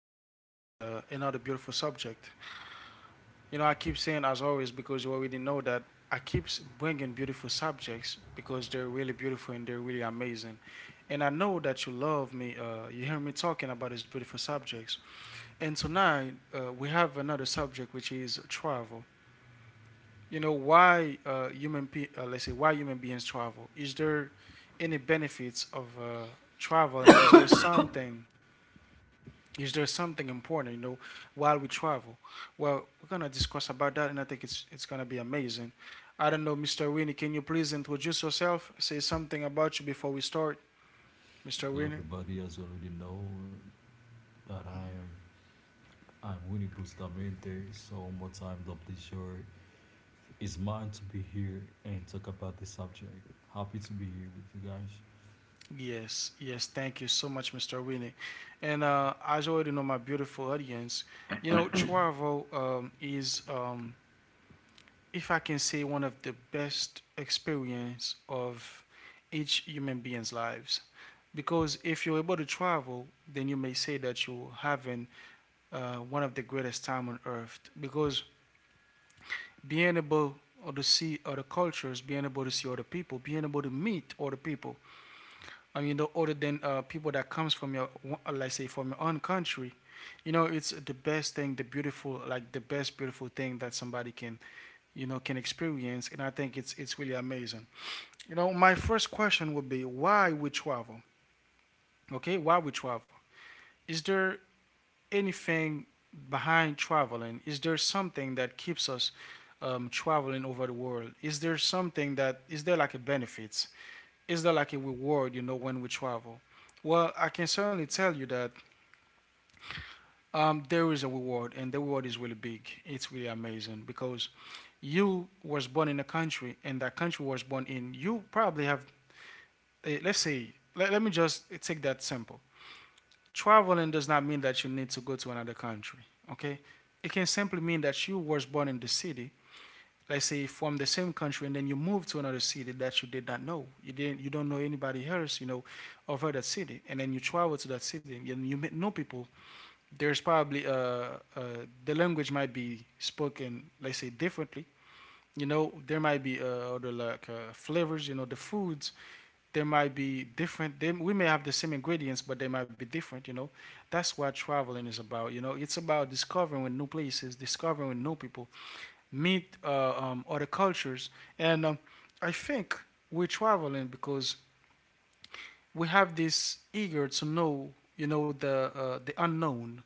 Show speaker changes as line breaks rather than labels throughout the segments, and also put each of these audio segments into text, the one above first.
again with another beautiful subject. You know, I keep saying, as always, because you already know that I keep bringing beautiful subjects because they're really beautiful and they're really amazing. And I know that you love me. You hear me talking about these beautiful subjects. And tonight, we have another subject, which is travel. You know, why let's say, why human beings travel? Is there any benefits of travel, and is there something is there something important, you know, while we travel? Well, we're gonna discuss about that, and I think it's gonna be amazing. I don't know, Mr. Winnie, can you please introduce yourself? Say something about you before we start, Mr.
Hello
Winnie.
everybody, as you already know that I'm Winnie Bustamante. So one more time, the pleasure is mine to be here and talk about this subject. Happy to be here with you guys.
Yes, yes, thank you so much, Mr. Winnie. And as you already know, my beautiful audience, you know, travel is if I can say, one of the best experience of each human being's lives. Because if you're able to travel, then you may say that you're having one of the greatest time on earth. Because being able to see other cultures, being able to see other people, being able to meet other people. I mean, other than people that comes from like say, from your own country, you know, it's the best thing, the beautiful, like the best beautiful thing that somebody can, you know, can experience, and I think it's really amazing. You know, my first question would be, why we travel? Okay, why we travel? Is there anything behind traveling? Is there something that keeps us traveling over the world? Is there something, that is there like a benefit? Is there like a reward, you know, when we travel? Well, I can certainly tell you that there is a reward, and the reward is really big. It's really amazing because you was born in a country, and that country was born in. You probably have, let's say, let me just take that simple. Traveling does not mean that you need to go to another country. Okay, it can simply mean that you was born in the city. Let's say from the same country, and then you move to another city that you did not know. You don't know anybody else, you know, over that city, and then you travel to that city, and you meet new people. There's probably the language might be spoken, let's say, differently. You know, there might be other, like, flavors. You know, the foods there might be different. We may have the same ingredients, but they might be different. You know, that's what traveling is about. You know, it's about discovering with new places, discovering with new people, meet other cultures, and I think we're traveling because we have this eager to know. You know, the unknown.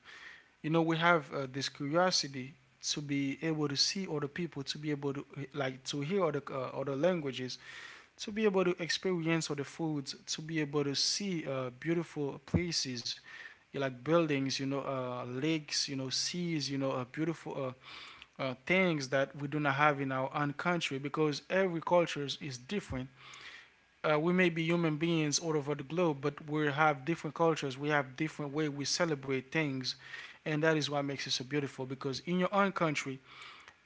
You know, we have this curiosity to be able to see other people, to be able to like, to hear other other languages, to be able to experience other foods, to be able to see beautiful places like buildings, you know, lakes, you know, seas, you know, beautiful things that we do not have in our own country, because every culture is different. We may be human beings all over the globe, but we have different cultures. We have different way we celebrate things, and that is what makes it so beautiful. Because in your own country,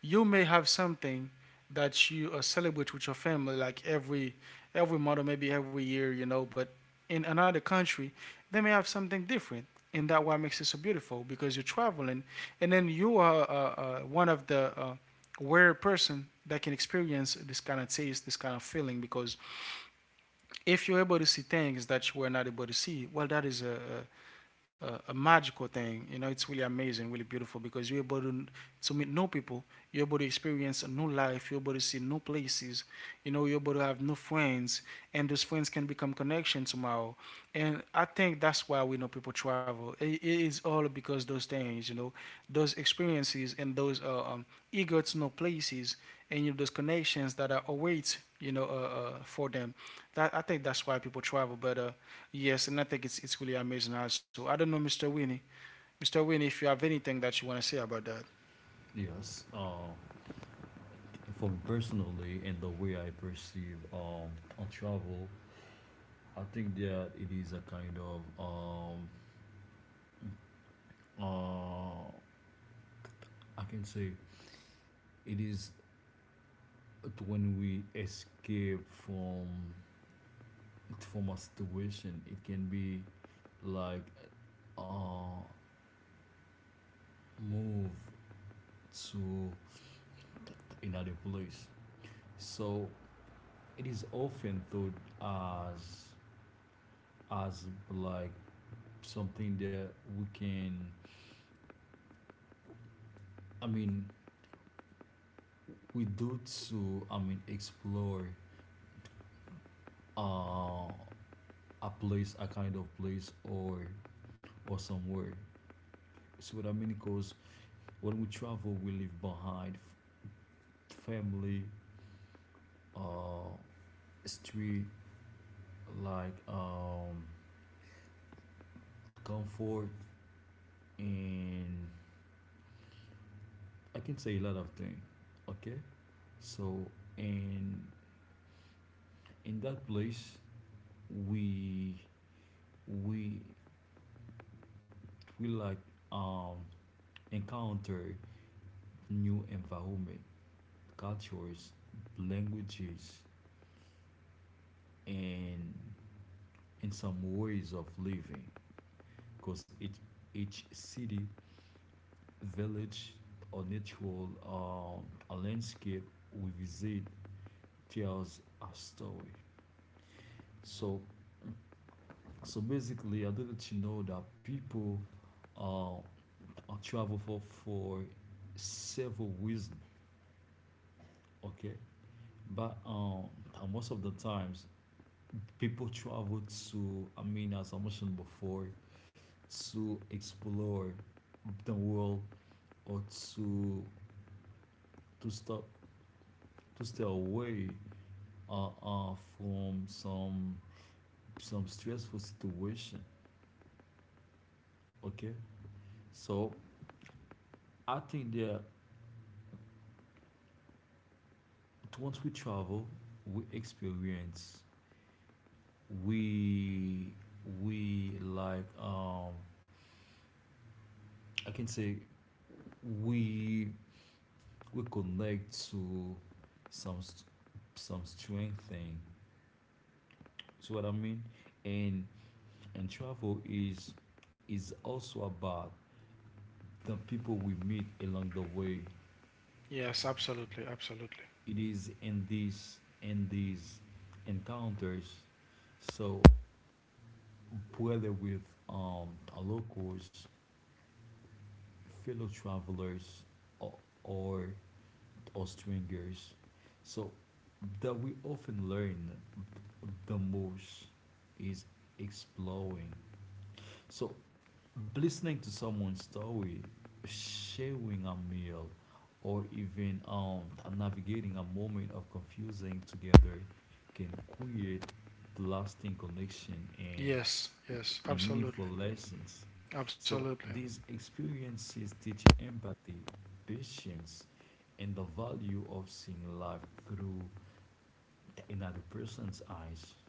you may have something that you celebrate with your family, like every month, or maybe every year, you know. But in another country, they may have something different, and that what makes it so beautiful. Because you're traveling, and then you are one of the rare person that can experience this kind of taste, this kind of feeling, because if you're able to see things that you were not able to see, well, that is a magical thing. You know, it's really amazing, really beautiful because you're able to meet new people. You're able to experience a new life. You're able to see new places. You know, you're able to have new friends, and those friends can become connections tomorrow. And I think that's why we know people travel. It is all because those things, you know, those experiences and those eager to know places, and you know, those connections that are await, you know, for them. That I think that's why people travel. But yes, and I think it's really amazing also. I don't know, Mr. Winnie. Mr. Winnie, if you have anything that you want to say about that.
Yes. For me personally, and the way I perceive on travel, I think that it is a kind of uh I can say it is when we escape from a situation. It can be like move to another place. So it is often thought as as like something that we can I mean we do to I mean explore uh, a place a kind of place or somewhere. See what I mean? Because when we travel we leave behind family, uh street like comfort and I can say a lot of things. Okay, so and in that place we we we like um encounter new environment, cultures, languages, and and some ways of living. Because each city, village, or natural a landscape we visit tells a story. So So basically, I didn't you know that people uh, travel for several reasons. Okay, but and most of the times people travel to. I mean, as I mentioned before, to explore the world or to to stop to stay away from some stressful situation. Okay, so I think there once we travel, we experience, we we like I can say we we connect to some st- some strange thing. See what I mean? And and travel is also about the people we meet along the way.
Yes, absolutely, absolutely.
It is in these encounters. So whether with locals fellow travelers or, or or strangers so that we often learn the most is exploring so listening to someone's story sharing a meal or even navigating a moment of confusing together can create lasting connection
Yes, yes,
and
absolutely,
meaningful lessons. So
absolutely.
these experiences teach empathy, patience, and the value of seeing life through another person's eyes.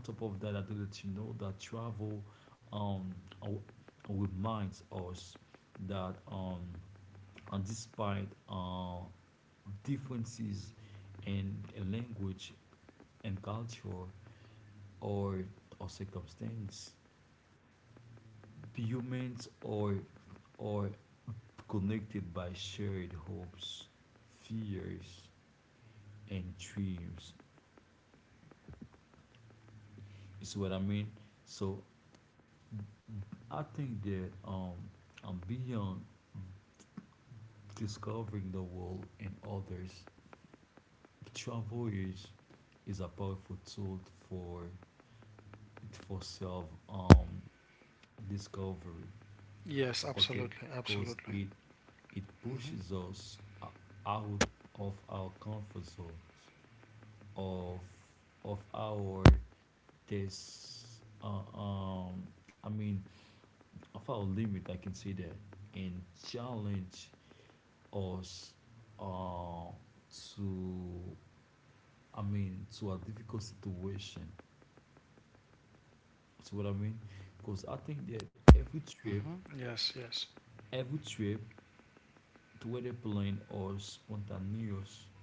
On top of that, I do let you know that travel um, reminds us that and despite differences in language and culture or or circumstance, humans are connected by shared hopes, fears, and dreams. You see what I mean? So I think that beyond discovering the world and others, travel is a powerful tool for for self discovery.
Yes, absolutely,
Okay,
absolutely.
because it
Hmm.
pushes us out of our comfort zones of of our there's I mean of our limit I can say that and challenge us uh to I mean to a difficult situation see what I mean because I think that every
Hmm.
trip
Yes, yes,
every trip whether plain or spontaneous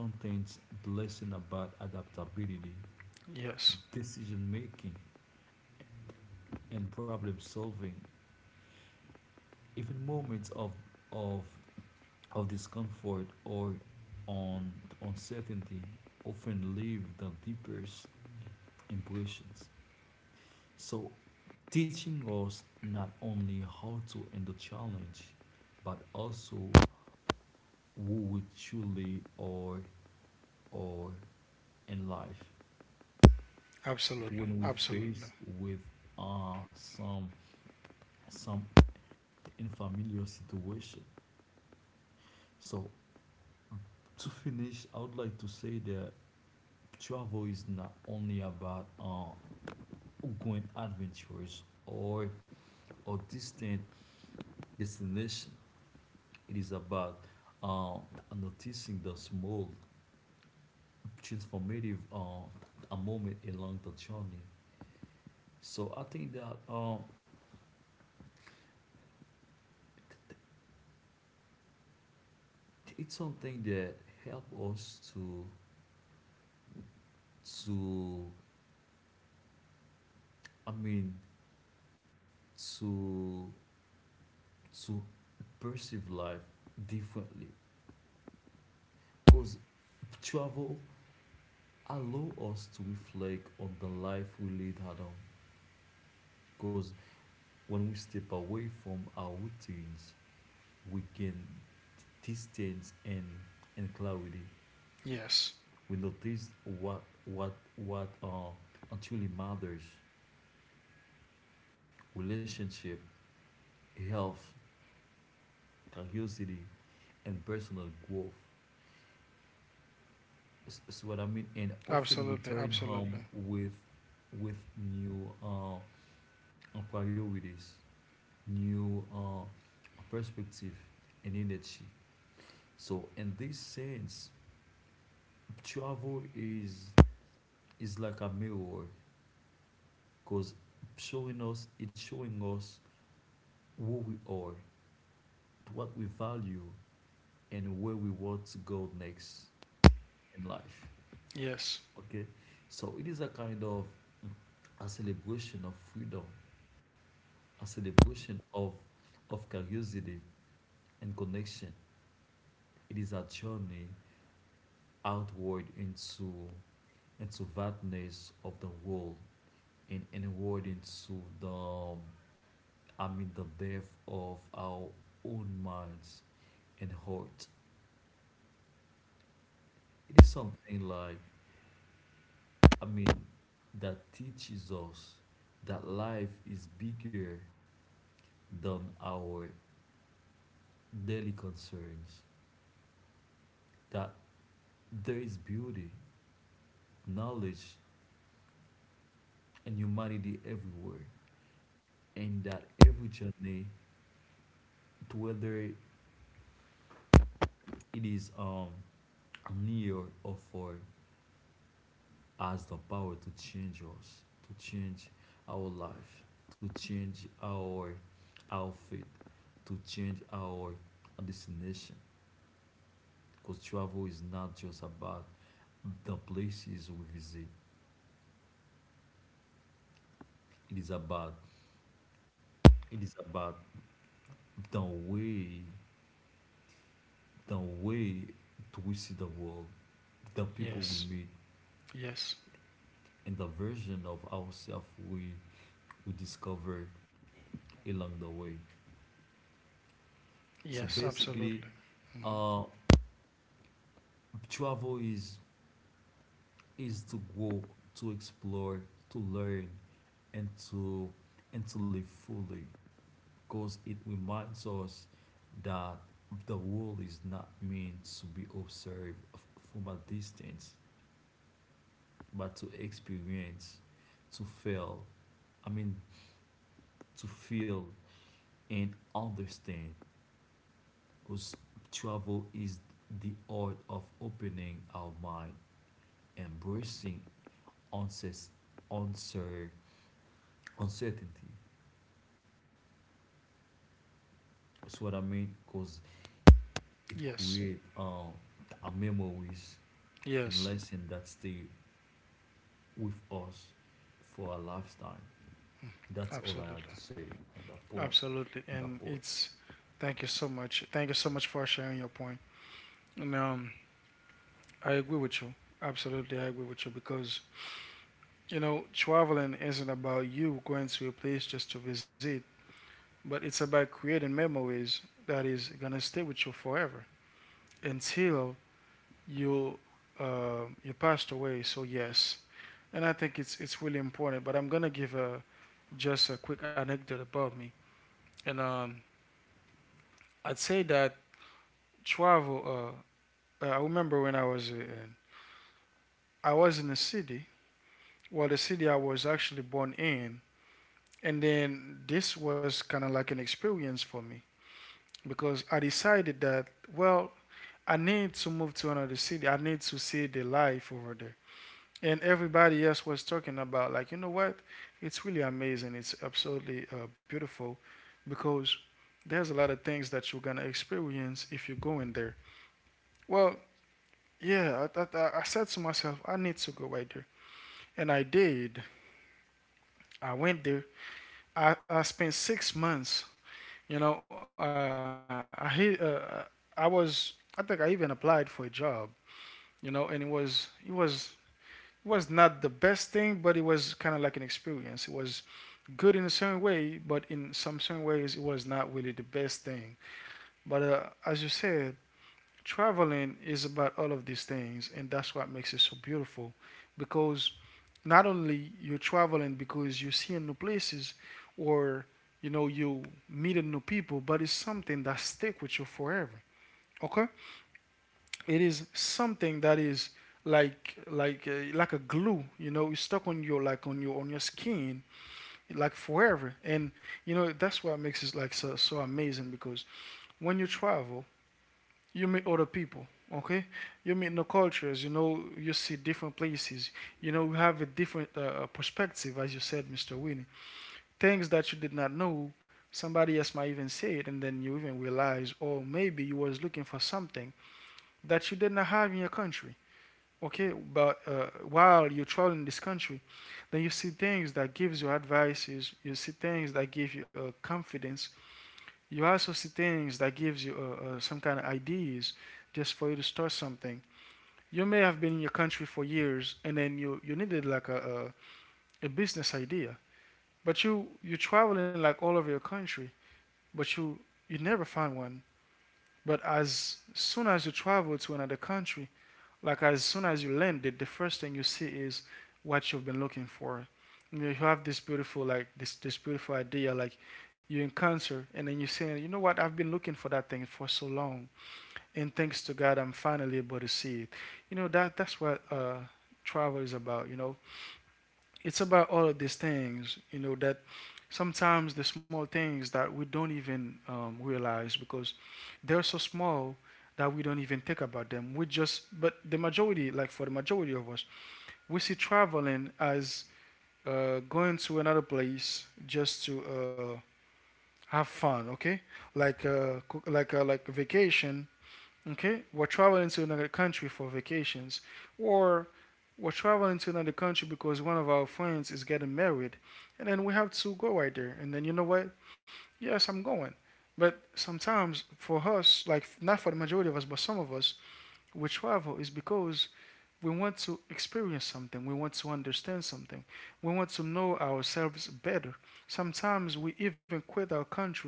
contains blessing about adaptability
yes,
decision making and problem solving even moments of of of discomfort or on uncertainty often leave the deepest impressions. So, teaching us not only how to handle challenge, but also who we truly are in life.
absolutely,
When we
absolutely.
face with uh, some some unfamiliar situation. So to finish, I would like to say that travel is not only about outgoing adventures or distant destination. It is about uh, noticing the small transformative a moment along the journey. So I think that um, it's something that help us to to I mean to to perceive life differently. Cause travel allow us to reflect on the life we lead at home. When we step away from our routines, we gain distance and clarity.
Yes,
We notice what truly matters: relationship, health, curiosity, and personal growth. So what I mean, and often
absolutely,
return
absolutely.
home with new priorities, new perspective, and energy. So in this sense, travel is like a mirror because showing us it's showing us who we are what we value and where we want to go next in life.
Yes,
Okay, so it is a kind of a celebration of freedom a celebration of curiosity and connection. It is a journey outward into vastness of the world and inward into the amid the depth of our own minds and hearts. It is something like, I mean, that teaches us that life is bigger than our daily concerns, that there is beauty, knowledge, and humanity everywhere, and that every journey, whether it is near or far, has the power to change us, to change our life, to change our faith, to change our destination. Because travel is not just about the places we visit. It is about it is about the way the way to we see the world, the people
yes,
we meet,
yes,
and the version of ourselves we discover along the way. So
yes, absolutely.
basically,
Hmm.
uh, travel is to go to explore to learn and to and to live fully because it reminds us that the world is not meant to be observed from a distance but to experience to feel I mean to feel and understand because travel is the art of opening our mind embracing unses- uncertain uncertainty. That's what I mean, because it
Yes,
creates our memories and
yes,
lessons that stay with us for a lifetime. That's all
absolutely,
I had to say on that point.
absolutely.
On
And
that point.
it's Thank you so much. Thank you so much for sharing your point. And I agree with you. Absolutely, I agree with you because, you know, traveling isn't about you going to a place just to visit, but it's about creating memories that is going to stay with you forever until you, you passed away. So yes, and I think it's really important. But I'm gonna give a just a quick anecdote about me, and I'd say that travel. I remember when I was in a city. Well, the city I was actually born in, and then this was kind of like an experience for me because I decided that, well, I need to move to another city. I need to see the life over there. And everybody else was talking about, like, you know what, it's really amazing. It's absolutely beautiful because there's a lot of things that you're gonna experience if you go in there. Well, yeah, I said to myself, I need to go right there, and I did. I went there, I spent 6 months. You know, I was, I think I even applied for a job. You know, and it was not the best thing, but it was kind of like an experience. It was good in a certain way, but in some certain ways, it was not really the best thing. But as you said, traveling is about all of these things, and that's what makes it so beautiful, because not only you're traveling because you're seeing new places or, you know, you meeting new people, but it's something that stick with you forever. Okay, it is something that is like a glue, you know, it's stuck on your, like, on your skin, like, forever. And you know, that's what makes it like so, so amazing, because when you travel, you meet other people. Okay, you meet new cultures, you know, you see different places, you know, you have a different perspective, as you said, Mr. Winnie. Things that you did not know, somebody else might even say it, and then you even realize, or maybe you was looking for something that you did not have in your country. Okay, but while you're traveling this country, then you see things that gives you advices, you see things that give you confidence, you also see things that gives you some kind of ideas just for you to start something. You may have been in your country for years, and then you needed like a business idea, but you traveling like all over your country, but you never find one. But as soon as you travel to another country, like as soon as you land it, the first thing you see is what you've been looking for. You know, you have this beautiful, like, this beautiful idea, like, you encounter, and then you say, you know what, I've been looking for that thing for so long, and thanks to God, I'm finally able to see it. You know, that's what travel is about. You know, it's about all of these things, you know, that sometimes the small things that we don't even realize, because they're so small that we don't even think about them. We just, but the majority, like for the majority of us, we see traveling as going to another place just to have fun, okay? Like, co- like a vacation. Okay, we're traveling to another country for vacations, or we're traveling to another country because one of our friends is getting married, and then we have to go right there. And then you know what? Yes, I'm going. But sometimes for us, like not for the majority of us, but some of us, we travel is because we want to experience something, we want to understand something, we want to know ourselves better. Sometimes we even quit our country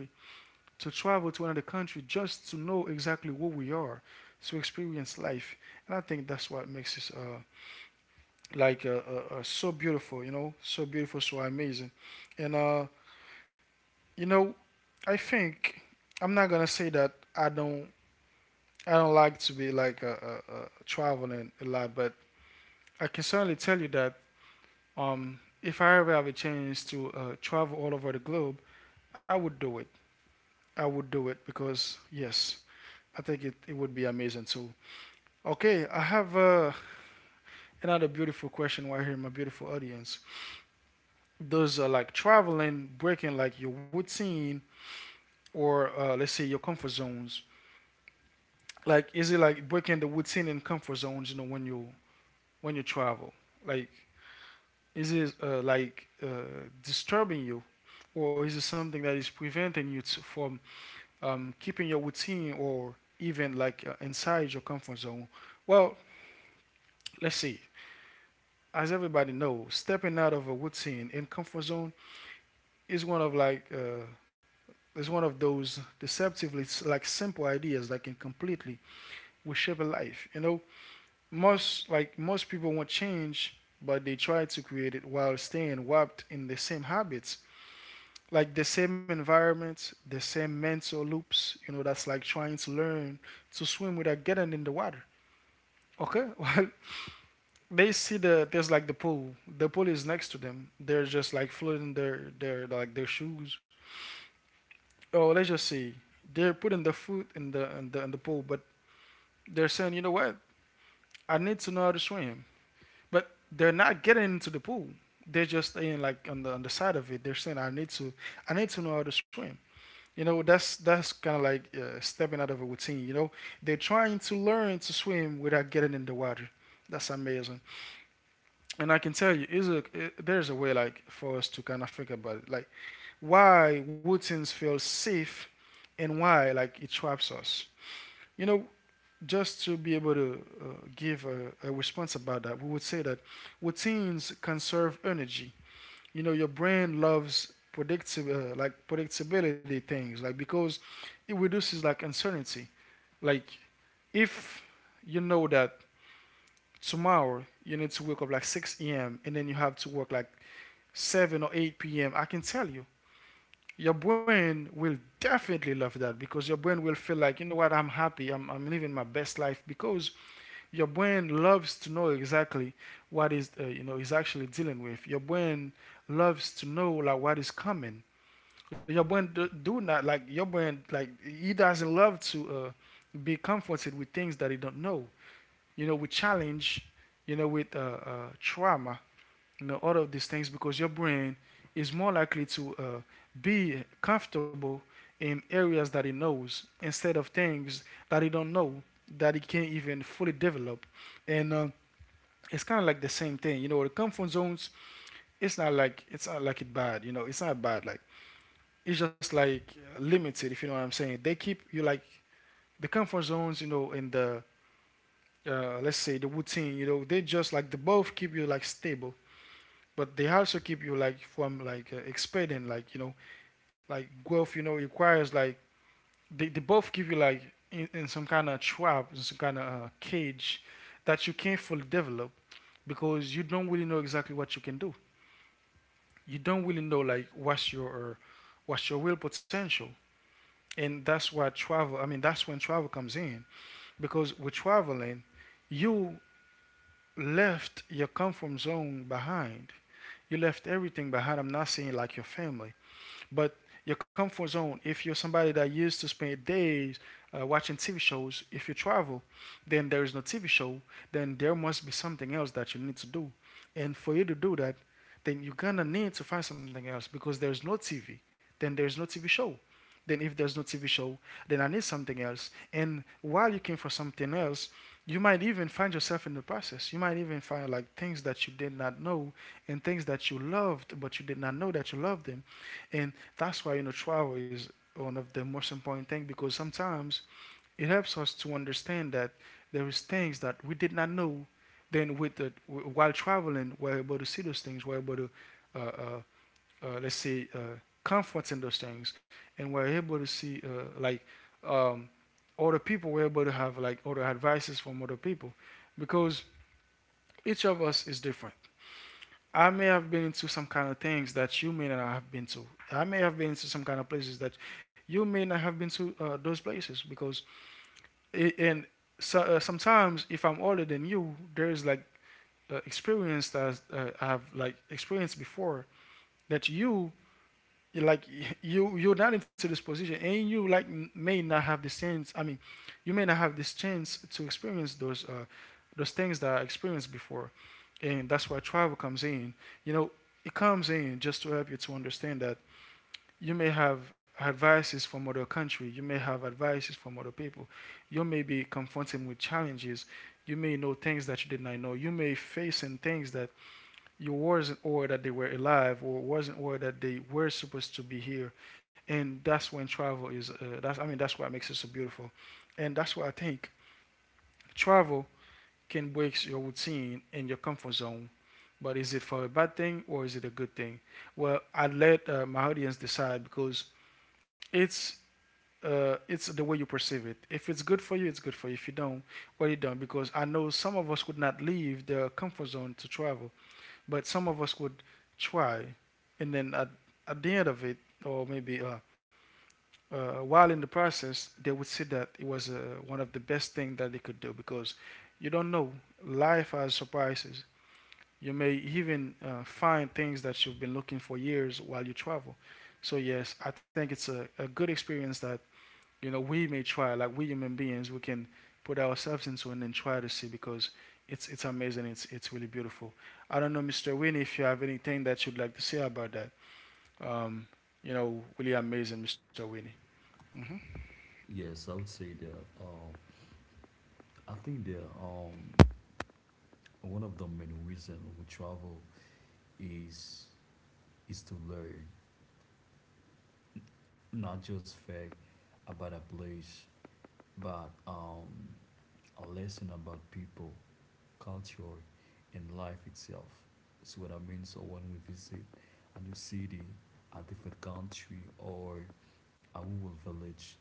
to travel to another country just to know exactly who we are, to experience life. And I think that's what makes us so beautiful, you know, so beautiful, so amazing. And uh, you know, I think I'm not gonna say that I don't I don't like to be traveling a lot, but I can certainly tell you that if I ever have a chance to travel all over the globe, I would do it. I would do it because yes, I think it would be amazing too. Okay, I have another beautiful question right here, my beautiful audience. Does like traveling breaking like your routine or let's say your comfort zones? Like, is it like breaking the routine and comfort zones? You know, when you travel, like, is it disturbing you, or is it something that is preventing you to, from keeping your routine or even inside your comfort zone? Well, let's see. As everybody knows, stepping out of a routine and comfort zone is one of like uh, is one of those deceptively like simple ideas that can completely reshape a life. You know, most people want change, but they try to create it while staying warped in the same habits, like the same environment, the same mental loops. You know, that's like trying to learn to swim without getting in the water. Okay, well, they see the there's like the pool. The pool is next to them. They're just like floating their shoes oh, let's just say they're putting the foot in the pool, but they're saying, you know what, I need to know how to swim, but they're not getting into the pool. They're just staying like on the side of it. They're saying, I need to know how to swim. You know, that's kind of like stepping out of a routine. You know, they're trying to learn to swim without getting in the water. That's amazing, and I can tell you, there's a way like for us to kind of think about it, like why routines feel safe, and why like it traps us. You know, just to be able to give a response about that, we would say that routines conserve energy. You know, your brain loves predictable, like predictability things, like because it reduces like uncertainty. Like if you know that tomorrow you need to wake up like 6 a.m. and then you have to work like 7 or 8 p.m., I can tell you, your brain will definitely love that because your brain will feel like, you know what, I'm living my best life because your brain loves to know exactly what is is actually dealing with your brain loves to know like what is coming, your brain do not like, your brain like he doesn't love to be comforted with things that he don't know, you know, with challenge, you know, with trauma, you know, all of these things because your brain is more likely to be comfortable in areas that it knows instead of things that it don't know, that it can't even fully develop. And it's kind of like the same thing, you know. The comfort zones, it's not like it bad, you know. It's not bad. Like it's just like limited, if you know what I'm saying. They keep you like the comfort zones, you know, in the, let's say the routine, you know, they just like the both keep you like stable, but they also keep you like from expanding, like, you know, like growth, you know, requires like, they both keep you like in some kind of trap, in some kind of cage that you can't fully develop because you don't really know exactly what you can do, you don't really know like what's your real potential. And that's why travel I mean that's when travel comes in, because with traveling you left your comfort zone behind, you left everything behind, I'm not saying like your family. But your comfort zone, if you're somebody that used to spend days watching TV shows, if you travel, then there is no TV show, then there must be something else that you need to do. And for you to do that, then you're gonna need to find something else because there's no TV, then there's no TV show. Then if there's no TV show, then I need something else. And while you're looking for something else, you might even find yourself in the process. You might even find like things that you did not know, and things that you loved, but you did not know that you loved them. And that's why, you know, travel is one of the most important things because sometimes it helps us to understand that there is things that we did not know. Then with the while traveling, we're able to see those things. We're able to, uh, uh, let's say, comfort in those things, and we're able to see um, other people. We're able to have like other advices from other people because each of us is different. I may have been into some kind of things that you may not have been to. I may have been into some kind of places that you may not have been to those places because I and so, sometimes if I'm older than you, there's like experience that I have like experienced before that you like you're not into this position and you like may not have the sense I mean you may not have this chance to experience those things that I experienced before. And that's why travel comes in, you know, it comes in just to help you to understand that you may have advices from other country, you may have advices from other people, you may be confronted with challenges, you may know things that you did not know, you may face in things that you wasn't aware that they were alive or wasn't aware that they were supposed to be here. And that's when travel is that's I mean that's what makes it so beautiful. And that's why I think travel can break your routine and your comfort zone, but is it for a bad thing or is it a good thing? Well, I let my audience decide because it's it's the way you perceive it. If it's good for you, it's good for you. If you don't, well, you don't. Because I know some of us could not leave their comfort zone to travel. But some of us would try, and then at the end of it, or maybe while in the process, they would say that it was one of the best things that they could do because you don't know. Life has surprises. You may even find things that you've been looking for years while you travel. So yes, I think it's a good experience that, you know, we may try, like we human beings, we can put ourselves into and then try to see because it's amazing. It's really beautiful. I don't know, Mr. Winnie, if you have anything that you'd like to say about that. Um, you know, really amazing, Mr. Winnie.
Yes, I would say that I think that one of the main reasons we travel is is to learn, not just fact about a place, but a lesson about people culture and life itself. See what I mean? So when we visit a new city, a different country, or a rural village,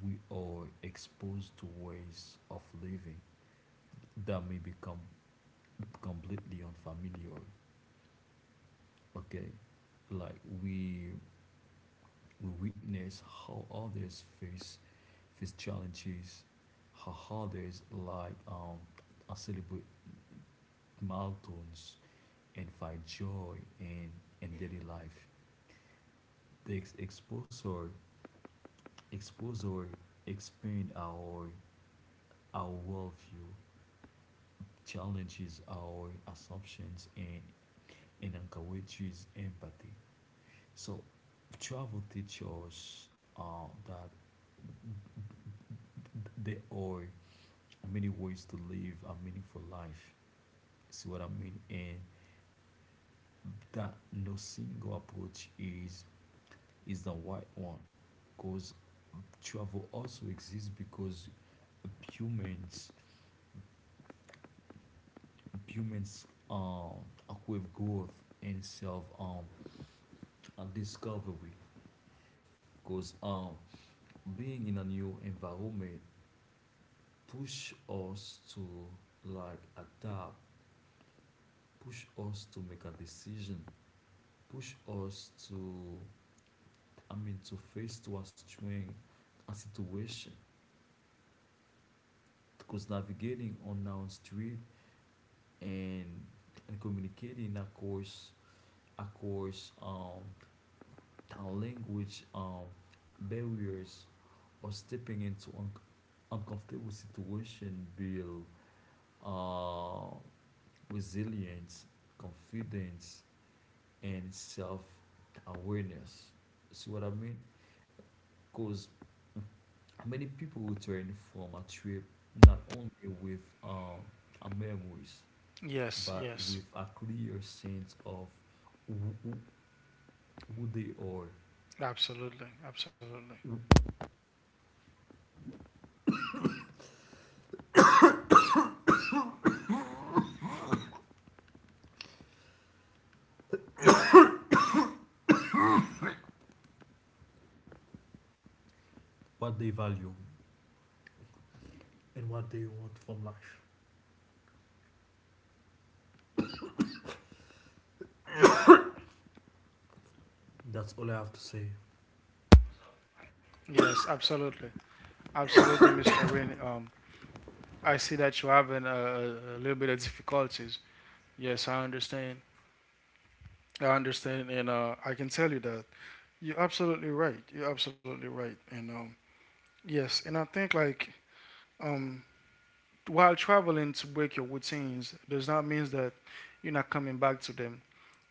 we are exposed to ways of living that may become completely unfamiliar. Okay, like we witness how others face challenges, how others like celebrate milestones and find joy in daily life. The exposure expand our worldview, challenges our assumptions, and encourages empathy. So, travel teaches us that there are many ways to live a meaningful life. See what I mean? And that no single approach is the right one, because travel also exists because humans humans crave growth and self and discovery. Because being in a new environment push us to like adapt, push us to make a decision, push us to I mean to face to a string a situation. Because navigating unknown street and and communicating in a course across language barriers or stepping into uncomfortable situation build uh, resilience, confidence, and self-awareness. See what I mean? Because many people return from a trip not only with memories,
Yes,
but with
yes,
a clear sense of who they are,
absolutely, absolutely.
what they value, and what they want from life. That's all I have to say.
Yes, absolutely, absolutely, Mr. Winnie. I see that you're having a little bit of difficulties. Yes, I understand. I understand, and I can tell you that you're absolutely right. You're absolutely right, and yes, and I think like um, while traveling to break your routines does not mean that you're not coming back to them,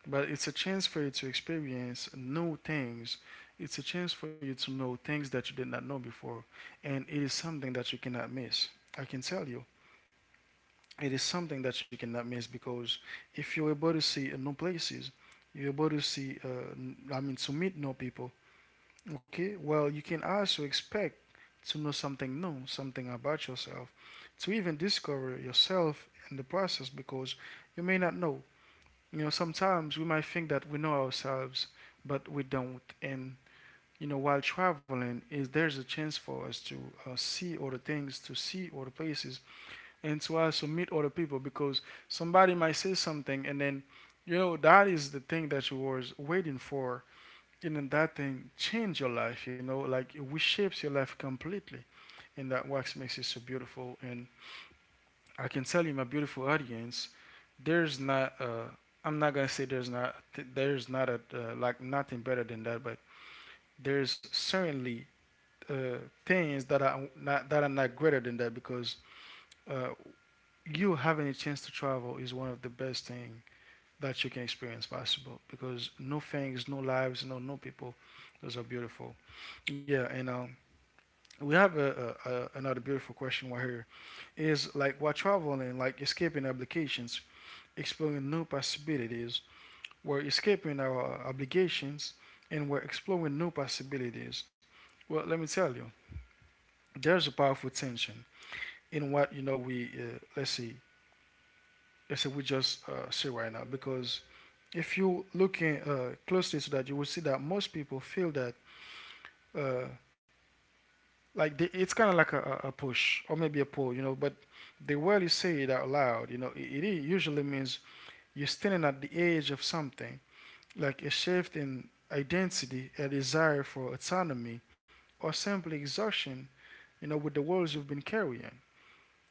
but it's a chance for you to experience new things. It's a chance for you to know things that you did not know before, and it is something that you cannot miss. I can tell you, it is something that you cannot miss because if you're able to see new places, you're able to see, to meet new people, okay, well, you can also expect to know something new, something about yourself, to even discover yourself in the process because you may not know. You know, sometimes we might think that we know ourselves, but we don't. And, you know, while traveling, is there's a chance for us to see other things, to see other places, and to also meet other people because somebody might say something and then, you know, that is the thing that you was waiting for, and then that thing change your life, you know, like it reshapes your life completely. And that wax makes it so beautiful. And I can tell you, my beautiful audience, there's not I'm not gonna say there's not a like nothing better than that, but there's certainly uh, things that are not greater than that, because uh, you having a chance to travel is one of the best thing that you can experience possible, because no things, no lives, no people, those are beautiful. Yeah. And we have another beautiful question right here, is like while traveling, like escaping obligations, exploring new possibilities. We're escaping our obligations and we're exploring new possibilities. Well, let me tell you, there's a powerful tension in what, you know, we let's see, let's say we just see right now. Because if you looking closely to that, you will see that most people feel that uh, it's kind of like a push or maybe a pull, you know. But the word you say it out loud, you know, it usually means you're standing at the edge of something, like a shift in identity, a desire for autonomy, or simply exhaustion, you know, with the worlds you've been carrying.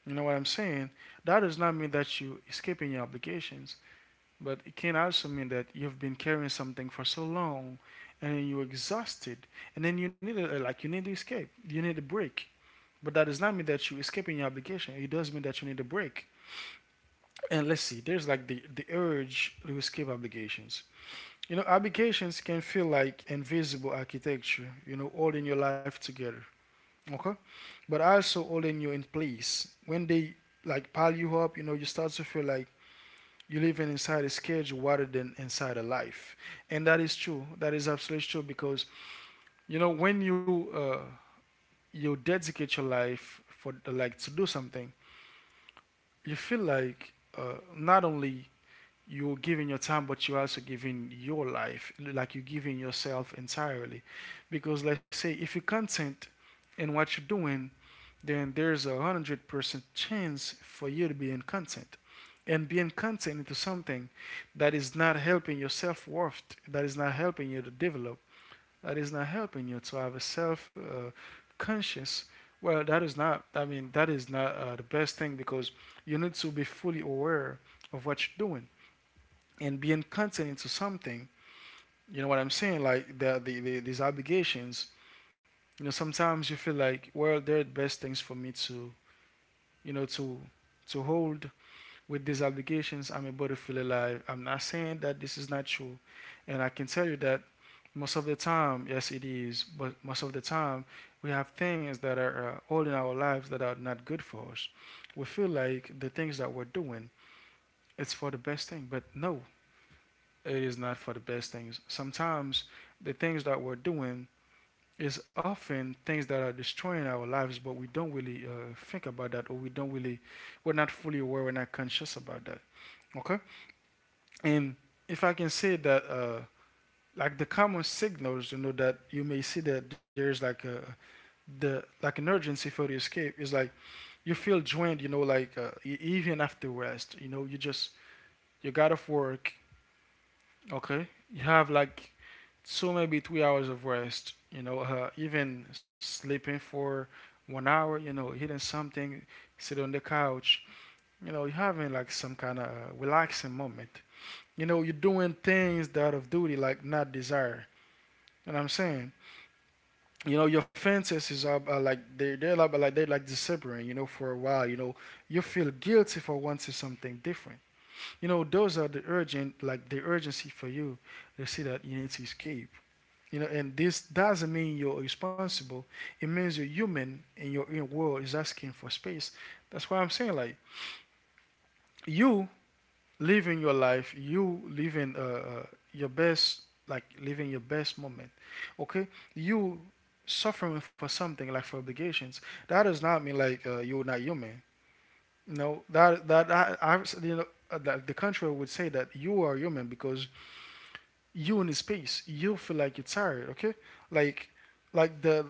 You know what I'm saying? That does not mean that you're escaping your obligations, but it can also mean that you've been carrying something for so long and you're exhausted, and then like you need to escape, you need a break. But that does not mean that you're escaping your obligation. It does mean that you need a break. And let's see, there's like the urge to escape obligations. You know, obligations can feel like invisible architecture, you know, holding your life together. Okay? But also holding you in place. When they like pile you up, you know, you start to feel like you're living inside a schedule rather than inside a life. And that is true. That is absolutely true. Because, you know, when you you dedicate your life for like to do something, you feel like not only you're giving your time, but you're also giving your life, like you're giving yourself entirely. Because, like, say, if you're content in what you're doing, then there's a 100% chance for you to be in content. And being content into something that is not helping your self worth, that is not helping you to develop, that is not helping you to have a self conscious. Well, that is not, I mean, that is not the best thing, because you need to be fully aware of what you're doing. And being content to something, you know what I'm saying, like the these obligations, you know, sometimes you feel like, well, they're the best things for me to, you know, to hold. With these obligations, I'm able to feel alive. I'm not saying that this is not true. And I can tell you that most of the time, yes, it is. But most of the time, we have things that are all in our lives that are not good for us. We feel like the things that we're doing, it's for the best thing, but no, it is not for the best things. Sometimes the things that we're doing is often things that are destroying our lives, but we don't really think about that, or we don't really, we're not fully aware, we're not conscious about that. Okay? And if I can say that, like the common signals, you know, that you may see that there's like a the like an urgency for the escape, is like you feel drained, you know, like even after rest, you know, you just you got off work, okay, you have like, so maybe 3 hours of rest, you know, even sleeping for 1 hour, you know, eating something, sit on the couch, you know, you're having like some kind of relaxing moment. You know, you're doing things that of duty, like not desire. You know what I'm saying? You know, your fantasies are like they're like disappearing. You know, for a while. You know, you feel guilty for wanting something different. You know, those are the urgent, like the urgency for you. They see that you need to escape. You know, and this doesn't mean you're responsible. It means you're human, and your inner world is asking for space. That's why I'm saying, like, you living your life, you living your best, like living your best moment. Okay, you suffering for something, like for obligations. That does not mean like you're not human. No, that that I you know, that the contrary would say that you are human, because you in space, you feel like you're tired. Okay, like like the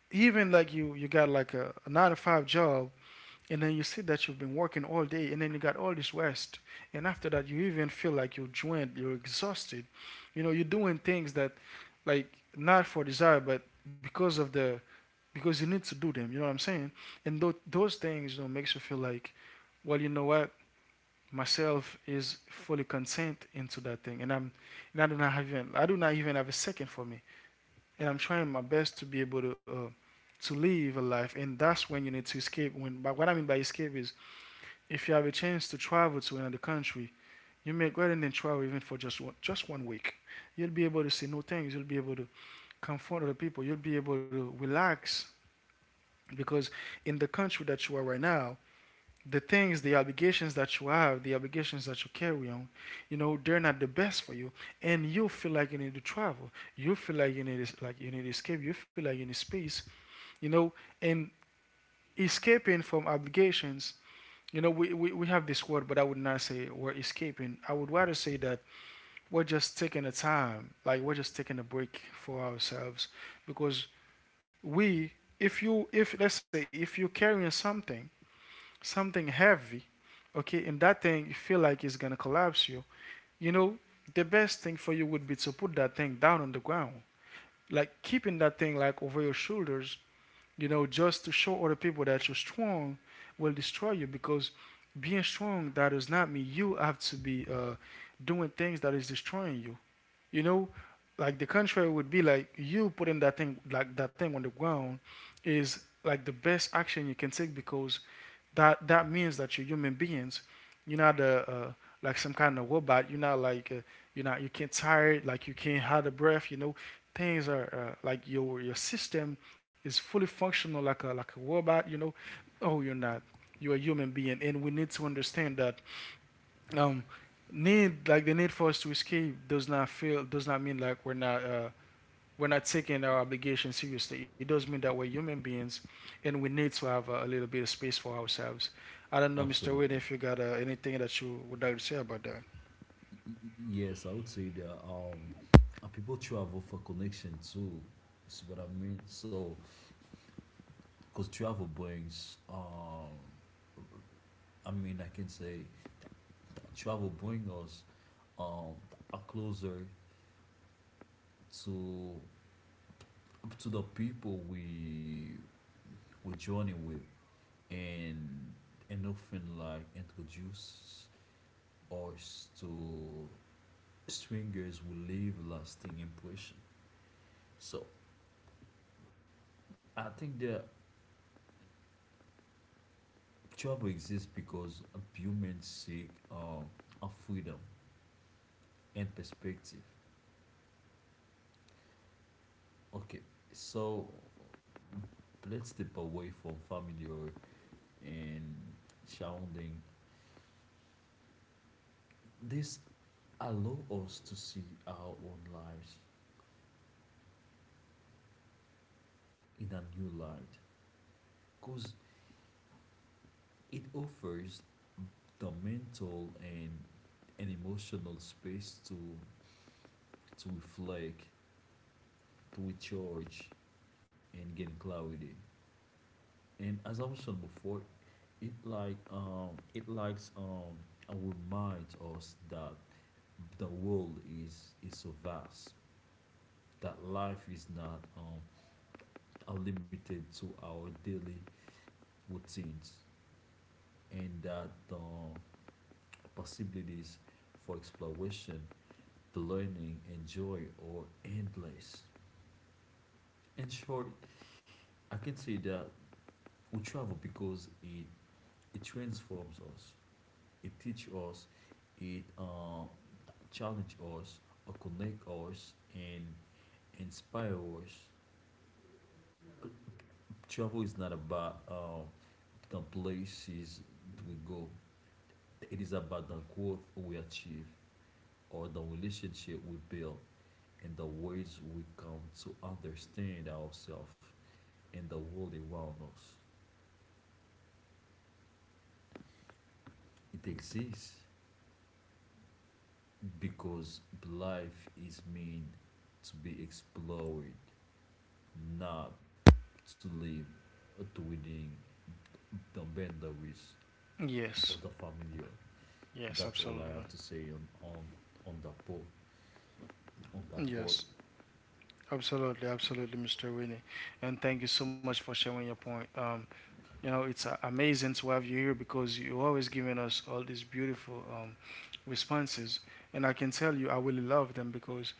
even like you got like a 9 to 5 job, and then you see that you've been working all day, and then you got all this rest. And after that, you even feel like you're drained, you're exhausted. You know, you're doing things that, like, not for desire, but because of the, because you need to do them. You know what I'm saying? And those things, you know, makes you feel like, well, you know what? Myself is fully content into that thing. And I'm, and I do not have even, I do not even have a second for me. And I'm trying my best to be able to live a life. And that's when you need to escape, when, but what I mean by escape is, if you have a chance to travel to another country, you may go ahead and travel even for just one week. You'll be able to see new things. You'll be able to comfort other people. You'll be able to relax, because in the country that you are right now, the obligations that you have, the obligations that you carry on, you know, they're not the best for you. And you feel like you need to travel. You feel like you need escape. You feel like you need space. You know, and escaping from obligations, you know, we have this word, but I would not say we're escaping. I would rather say that we're just taking a time, like we're just taking a break for ourselves. Because we, if let's say, if you're carrying something, something heavy, okay, and that thing you feel like it's gonna collapse you, you know, the best thing for you would be to put that thing down on the ground. Like keeping that thing like over your shoulders, you know, just to show other people that you're strong, will destroy you. Because being strong, that does not mean you have to be doing things that is destroying you. You know, like the contrary would be like you putting that thing, like that thing on the ground, is like the best action you can take. Because that that means that you're human beings. You're not a, like some kind of robot. You're not like you can't tired, like you can't hold a breath. You know, things are like your system is fully functional like a robot. You know, oh, you're not. You're a human being, and we need to understand that, um, need like the need for us to escape does not feel does not mean like we're not taking our obligation seriously. It does mean that we're human beings, and we need to have a little bit of space for ourselves. I don't know, Mr. Wade,
Absolutely.
if you got anything that you would like to say about that.
Yes, I would say there are, and people travel for connection too. See what I mean? So, because travel brings, I mean, I can say travel brings us um, a closer to to the people we journey with, and and often like introduce us to strangers who leave lasting impression. So I think the trouble exists because humans seek a freedom and perspective. Okay, so let's step away from family or and surrounding. This allow us to see our own lives in a new light, cause it offers the mental and an emotional space to reflect, to recharge, and gain clarity. And as I mentioned before, it like it likes and reminds us that the world is so vast that life is not are limited to our daily routines and that the possibilities for exploration, the learning, and joy are endless. In short, I can say that we travel because it transforms us, it teaches us, it challenge us or connect us and inspire us. Travel is not about the places we go, it is about the growth we achieve or the relationship we build and the ways we come to understand ourselves and the world around us. It exists because life is meant to be explored, not to live within the boundaries
Yes,
other familiar.
yes,
That's all I
absolutely.
have to say on on that point. On that point,
Yes, absolutely, absolutely, Mr. Winnie. And thank you so much for sharing your point. You know, it's amazing to have you here, because you're always giving us all these beautiful responses. And I can tell you I really love them, because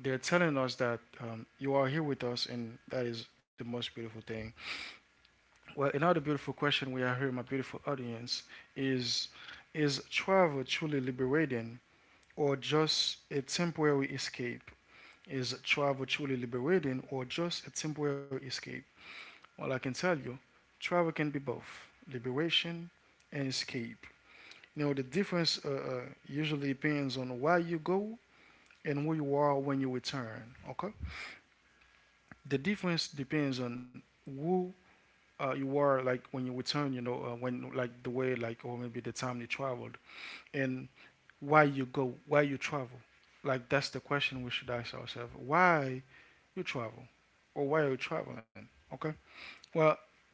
they're telling us that you are here with us, and that is the most beautiful thing. Well, another beautiful question we are here, my beautiful audience, is is travel truly liberating or just a temporary escape? Is travel truly liberating or just a temporary escape? Well, I can tell you, travel can be both liberation and escape. You know, the difference usually depends on where you go and who you are when you return. Okay, the difference depends on who you are like when you return. You know, when like the way like or maybe the time you traveled and why you go, why you travel. Like that's the question we should ask ourselves: Why you travel, or why are you traveling? Okay. Well,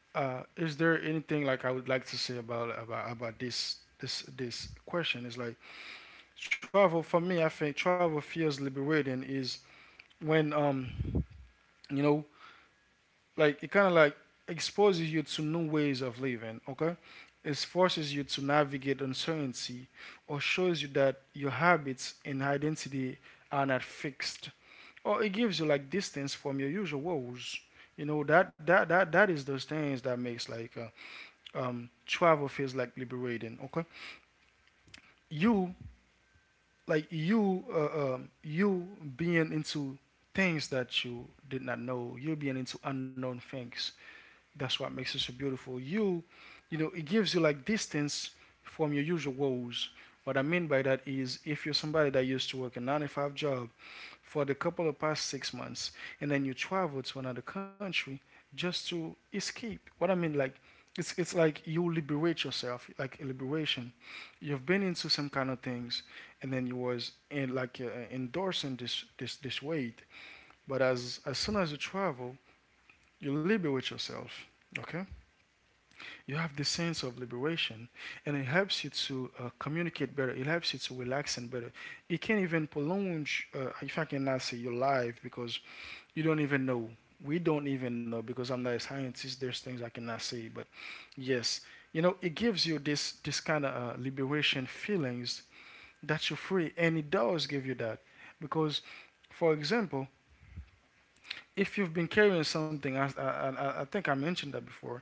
Is there anything like I would like to say about this question? Is like travel for me. I think travel feels liberating. Is when you know like it kind of like exposes you to new ways of living. Okay, it forces you to navigate uncertainty, or shows you that your habits and identity are not fixed, or it gives you like distance from your usual woes. You know that is those things that makes like travel feels like liberating. Okay, you like you you being into things that you did not know. You being into unknown things. That's what makes it so beautiful. You know, it gives you like distance from your usual woes. What I mean by that is, if you're somebody that used to work a nine to five job, for the couple of past 6 months, and then you travel to another country just to escape. What I mean, like, it's like you liberate yourself, like a liberation. You've been into some kind of things, and then you was in like endorsing this weight. But as soon as you travel, you liberate yourself. Okay, you have this sense of liberation, and it helps you to communicate better. It helps you to relax and better. It can even prolong, if I cannot say your life, because you don't even know. We don't even know, because I'm not a scientist. There's things I cannot say, but yes, you know, it gives you this kind of liberation feelings that you're free, and it does give you that. Because for example, if you've been carrying something, I think I mentioned that before,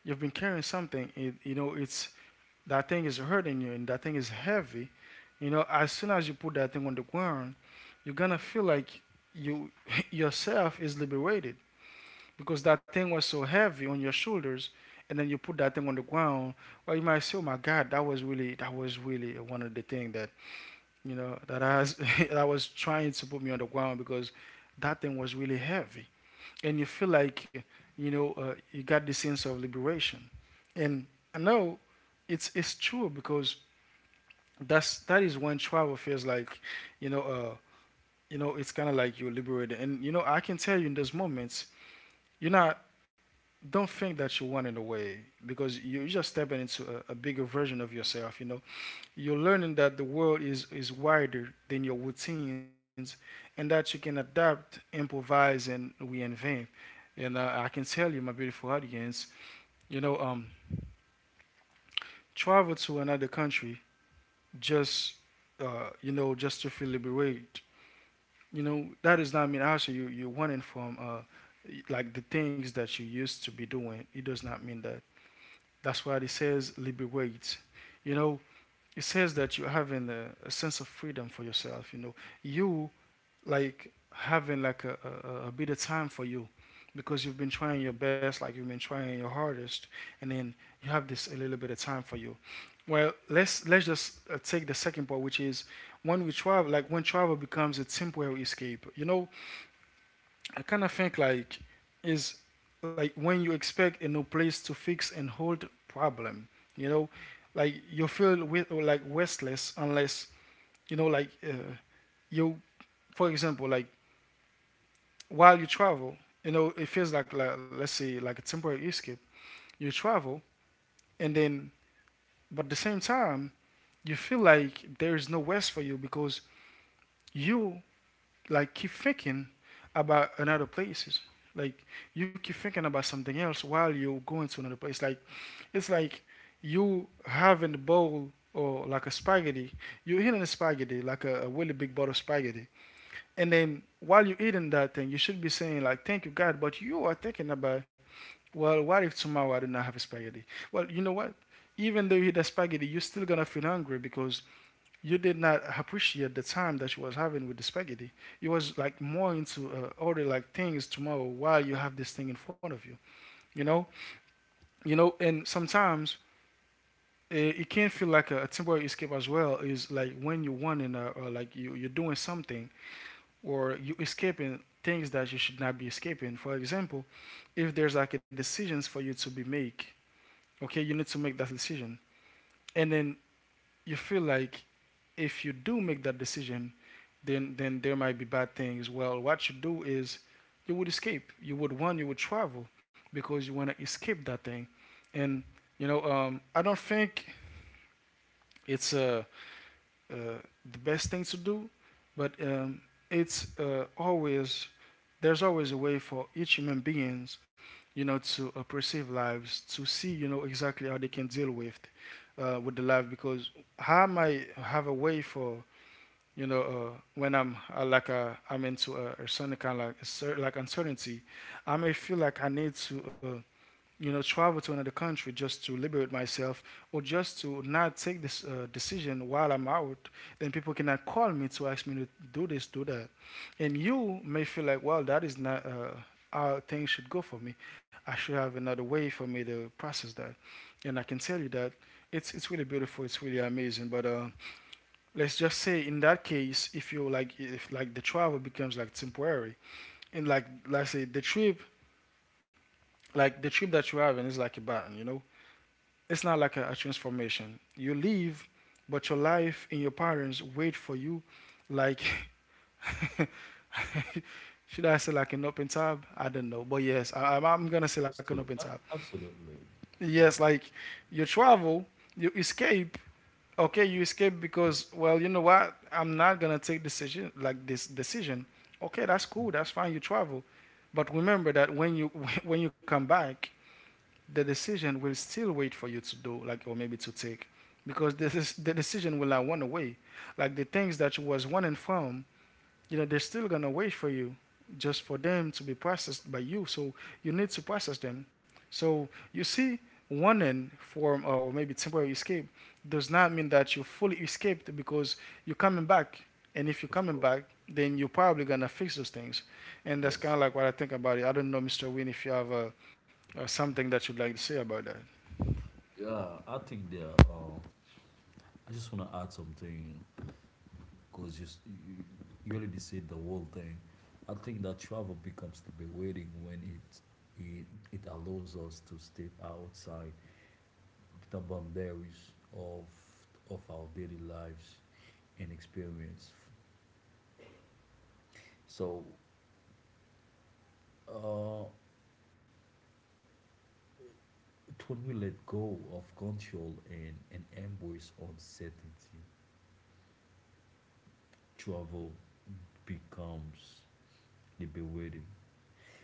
you've been carrying something, it, you know, it's that thing is hurting you and that thing is heavy. You know, as soon as you put that thing on the ground, you're gonna feel like you yourself is liberated, because that thing was so heavy on your shoulders. And then you put that thing on the ground, well, you might say, oh my god, that was really one of the thing that, you know, that I was, that I was trying to put me on the ground because that thing was really heavy. And you feel like, you know, you got the sense of liberation. And I know it's true, because that is when travel feels like, you know, you know, it's kind of like you're liberated. And you know, I can tell you, in those moments you're not, don't think that you're running away, because you're just stepping into a bigger version of yourself. You know, you're learning that the world is wider than your routines, and that you can adapt, improvise, and reinvent. And I can tell you, my beautiful audience, you know, travel to another country just you know, just to feel liberated. You know, that does not mean actually you wanting from like the things that you used to be doing. It does not mean that. That's why it says liberate. You know, it says that you having a sense of freedom for yourself. You know, you like having like a a- bit of time for you, because you've been trying your best, like you've been trying your hardest, and then you have this a little bit of time for you. Well, let's just take the second part, which is when we travel, like when travel becomes a temporary escape. You know, I kind of think like is like when you expect a new place to fix and hold problem, you know, like you feel with or like restless unless, you know, like you for example, like while you travel, you know, it feels like let's say like a temporary escape. You travel, and then, but at the same time you feel like there is no rest for you, because you like keep thinking about another places. Like you keep thinking about something else while you're going to another place. Like it's like you having the bowl or like a spaghetti. You're eating a spaghetti, like a really big bowl of spaghetti. And then while you're eating that thing, you should be saying like thank you God, but you are thinking about, well, what if tomorrow I do not have a spaghetti? Well, you know what? Even though you eat the spaghetti, you're still gonna feel hungry, because you did not appreciate the time that you was having with the spaghetti. You was like more into order like things tomorrow while you have this thing in front of you. You know, you know, and sometimes it can feel like a temporary escape as well. Is like when you are wanting, or like you're doing something or you escaping things that you should not be escaping. For example, if there's like a decisions for you to be make, okay, you need to make that decision, and then you feel like if you do make that decision, then there might be bad things. Well, what you do is you would escape. You would run. You would travel because you want to escape that thing. And you know, I don't think it's a uh, the best thing to do, but it's always there's always a way for each human beings, you know, to perceive lives, to see, you know, exactly how they can deal with the life. Because how am I have a way for, you know, when I'm like I'm into a certain kind of like uncertainty, I may feel like I need to you know, travel to another country just to liberate myself, or just to not take this decision while I'm out, then people cannot call me to ask me to do this, do that. And you may feel like, well, that is not how things should go for me. I should have another way for me to process that. And I can tell you that it's really beautiful. It's really amazing. But let's just say in that case, if you like, if like the travel becomes like temporary, and like let's say the trip, like the trip that you're having is like a button, you know, it's not like a transformation. You leave, but your life and your parents wait for you like should I say like an open tab? I don't know, but yes, I'm gonna say like an
absolutely,
open tab.
absolutely,
Yes, like you travel, you escape. Okay, you escape because, well, you know what? I'm not gonna take decision like this decision. Okay, that's cool, that's fine. You travel, but remember that when you when you come back, the decision will still wait for you to do, like, or maybe to take, because this is, the decision will not run away. Like the things that you was running from, you know they're still gonna wait for you, just for them to be processed by you. So you need to process them, so you see, one end form or maybe temporary escape does not mean that you fully escaped, because you're coming back. And if
for
you're coming
sure.
back, then you're probably gonna fix those things. And that's
Yes.
kind of like what I think about it. I don't know, Mr. Win, if you have something that you'd like to say about that.
Yeah, I think there. I just want to add something because you you already said the whole thing. I think that travel becomes to be when it it allows us to step outside the boundaries of of our daily lives and experience. So uh, when we let go of control and embrace uncertainty, travel becomes liberating.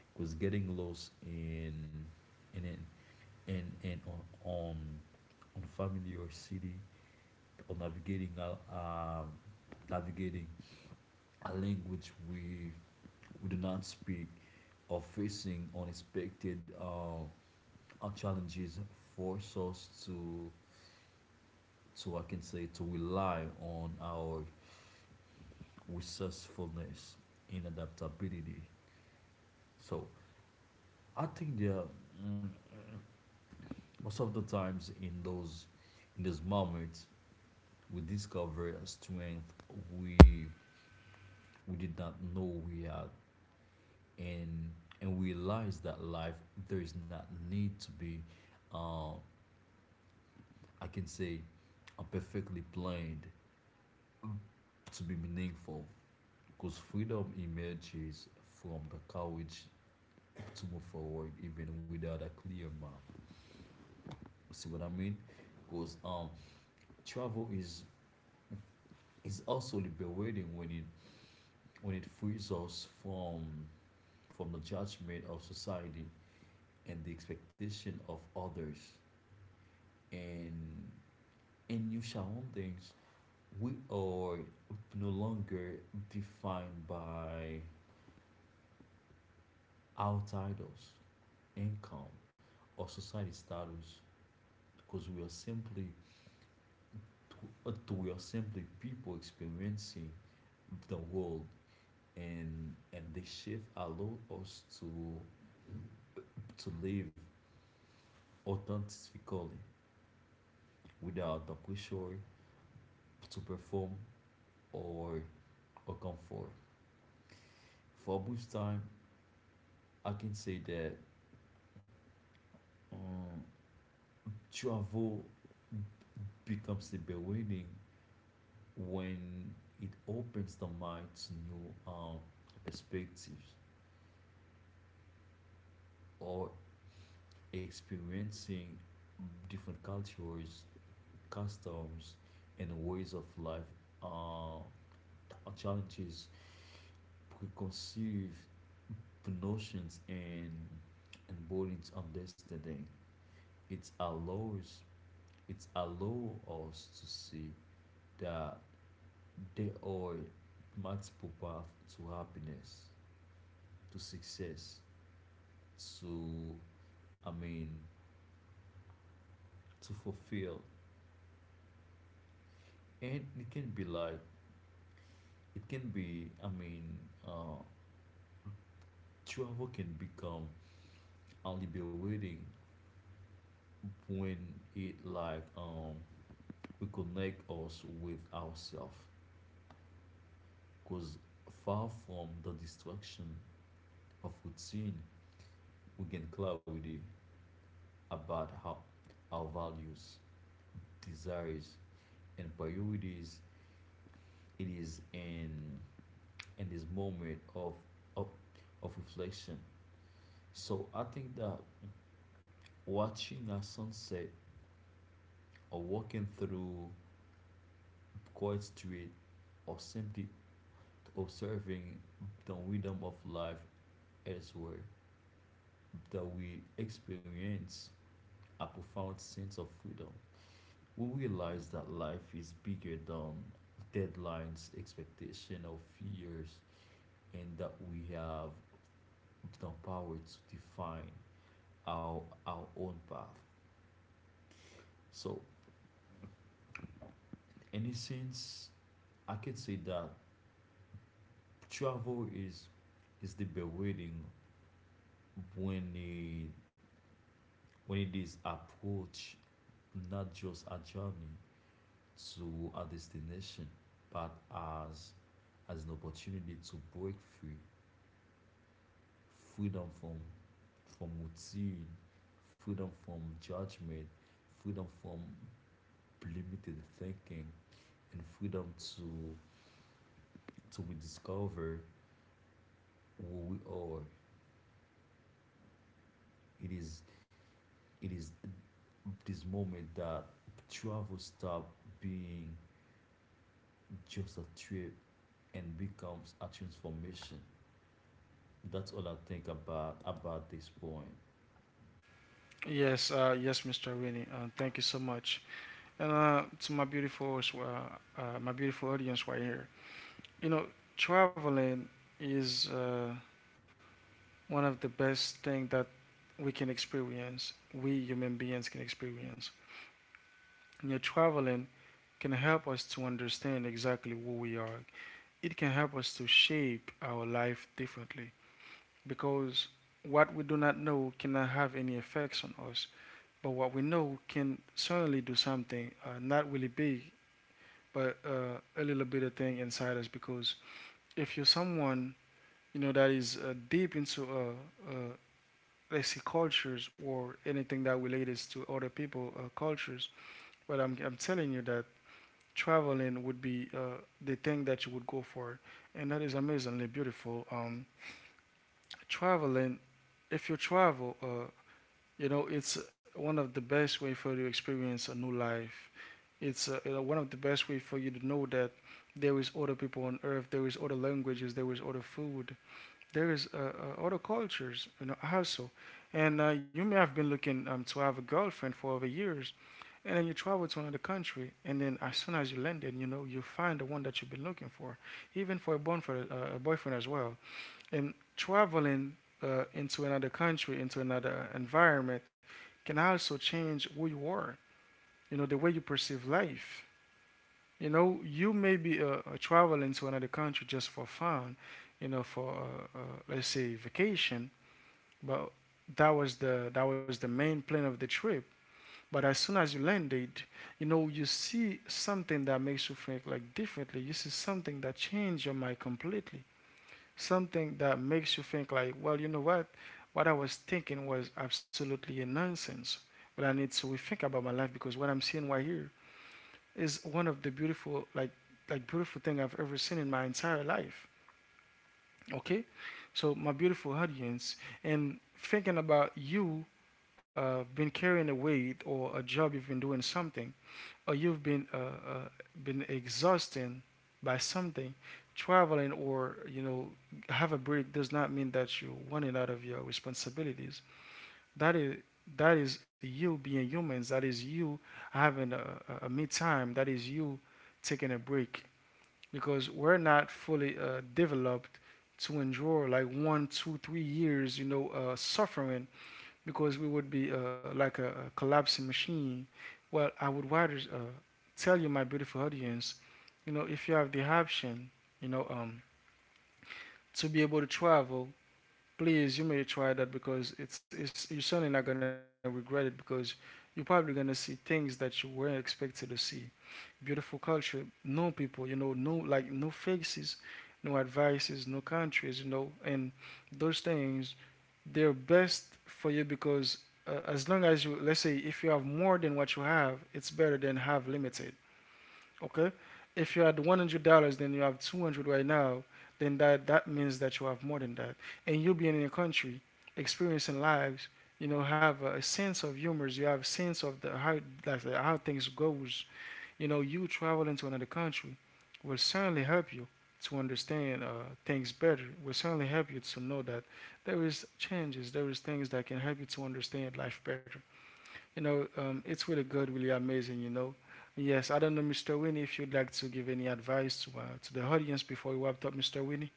Because getting lost in an in on on familiar city or navigating a navigating a language we do not speak or facing unexpected challenges force us to so I can say to rely on our resourcefulness and adaptability. So I think there are, mm, most of the times in those moments we discover a strength we we did not know we had and and we realize that life there is not need to be uh, I can say perfectly planned to be meaningful because freedom emerges from the courage to move forward even without a clear map. See what I mean? Because travel is also liberating when it frees us from the judgment of society and the expectation of others and and you new shalom things we are no longer defined by our titles income or society status because we are simply to, to are simply people experiencing the world and the shift allow us to live authentically without the pressure to perform or or comfort. For a brief time, I can say that um, travel becomes liberating when it opens the mind to new perspectives or experiencing different cultures customs, and ways of life uh, are challenges preconceived notions and burdens on this. It allows it allows us to see that there are multiple paths to happiness, to success, to I mean to fulfill. And it can be like it can be I mean uh travel can become a liberating when it like we connect us with ourselves because far from the distraction of routine we gain clarity about how our values desires and priorities it is in this moment of of, of reflection so I think that watching a sunset or walking through quiet street or simply observing the rhythm of life elsewhere that we experience a profound sense of freedom. We realize that life is bigger than deadlines, expectation of fears, and that we have the power to define our own path. So in a sense I can say that travel is liberating when it is approached not just a journey to a destination, but as as an opportunity to break free, freedom from routine, freedom from judgment, freedom from limited thinking, and freedom to rediscover who we are. It is it is this moment that travel stop being just a trip and becomes a transformation. That's all I think about this point.
Yes, yes, Mr. Winnie, thank you so much. And to my beautiful audience right here. You know, traveling is one of the best thing that we can experience. We human beings can experience. You know, traveling can help us to understand exactly who we are. It can help us to shape our life differently, because what we do not know cannot have any effects on us, but what we know can certainly do something, not really big, but a little bit of thing inside us. Because if you're someone, you know, that is deep into let's see, cultures or anything that relates to other people cultures. But I'm telling you that traveling would be the thing that you would go for, and that is amazingly beautiful. Traveling, if you travel, you know, it's one of the best way for you to experience a new life. It's you know, one of the best way for you to know that there is other people on earth, there is other languages, there is other food, there is other cultures, you know, also. And you may have been looking to have a girlfriend for over years, and then you travel to another country, and then as soon as you landed, you know, you find the one that you've been looking for, even for a boyfriend as well. And traveling into another country, into another environment, can also change who you are. You know, the way you perceive life. You know, you may be traveling to another country just for fun, you know, for let's say vacation, but that was the main plan of the trip. But as soon as you landed, you know you see something that makes you think like differently. You see something that changed your mind completely. Something that makes you think like, well, you know what? What I was thinking was absolutely a nonsense. But I need to rethink about my life because what I'm seeing right here is one of the beautiful like beautiful thing I've ever seen in my entire life. Okay? So my beautiful audience and thinking about you been carrying a weight or a job you've been doing something or you've been exhausted by something, traveling or you know have a break does not mean that you're running out of your responsibilities. that is that is you being humans, that is you having a me time, that is you taking a break because we're not fully developed to endure like 1 2 3 years you know suffering, because we would be like a collapsing machine. Well, I would rather tell you, my beautiful audience, you know, if you have the option, you know, to be able to travel, please, you may try that because it's you're certainly not going to regret it because you're probably going to see things that you weren't expected to see, beautiful culture, no people, you know, no like no faces, no advices, no countries, you know, and those things they're best for you because as long as you, let's say if you have more than what you have, it's better than have limited. Okay, if you had $100, then you have 200 right now. Then that means that you have more than that, and you being in a country, experiencing lives, you know, have a, sense of humors. You have a sense of the how like, how things goes, you know, you traveling to another country will certainly help you to understand things better. Will certainly help you to know that there is changes, there is things that can help you to understand life better. You know, it's really good, really amazing. You know, yes, I don't know, Mr. Winnie, if you'd like to give any advice to the audience before we wrap up, Mr. Winnie.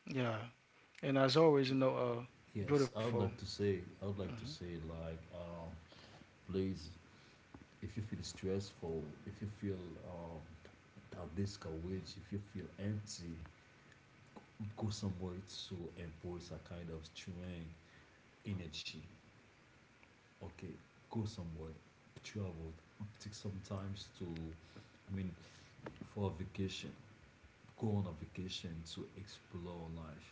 Yeah, and as always, you know,
Yes, I would
beautiful.
like to say I would like to
Hmm.
say like please if you feel stressful, if you feel um, that discouraged, if you feel empty, go somewhere to embrace a kind of strength, energy. Okay, go somewhere, travel, take some times to, I mean, for a vacation, go on a vacation to explore life.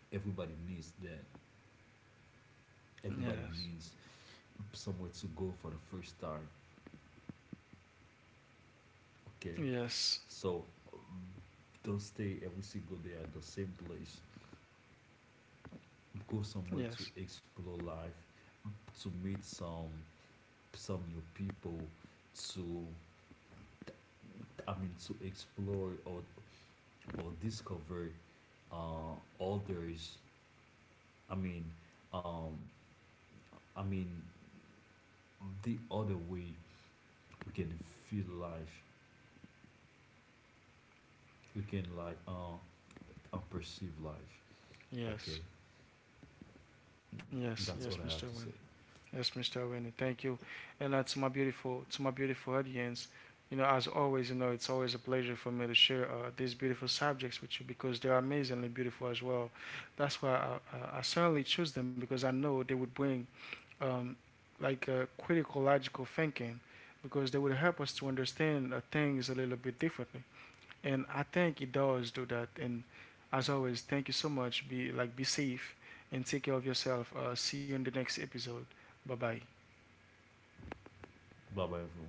Everybody needs that. Everybody
Yes,
needs somewhere to go for the first time. Okay,
yes,
so um, don't stay every single day at the same place. Go somewhere to
yes,
explore life, to meet some new people, to I mean to explore or discover uh, others. I mean, um, I mean the other way we can feel life. We can like perceive life. Okay.
yes,
That's
yes,
all I
yes,
had to
Mr.
say.
Winnie. Yes, Mr. Winnie, thank you. And to my beautiful audience, you know, as always, you know, it's always a pleasure for me to share these beautiful subjects with you because they're amazingly beautiful as well. That's why I certainly choose them because I know they would bring um, like critical logical thinking because they would help us to understand things a little bit differently. And I think it does do that. And as always, thank you so much. Be like, be safe and take care of yourself. See you in the next episode. Bye bye.
Bye bye, everyone.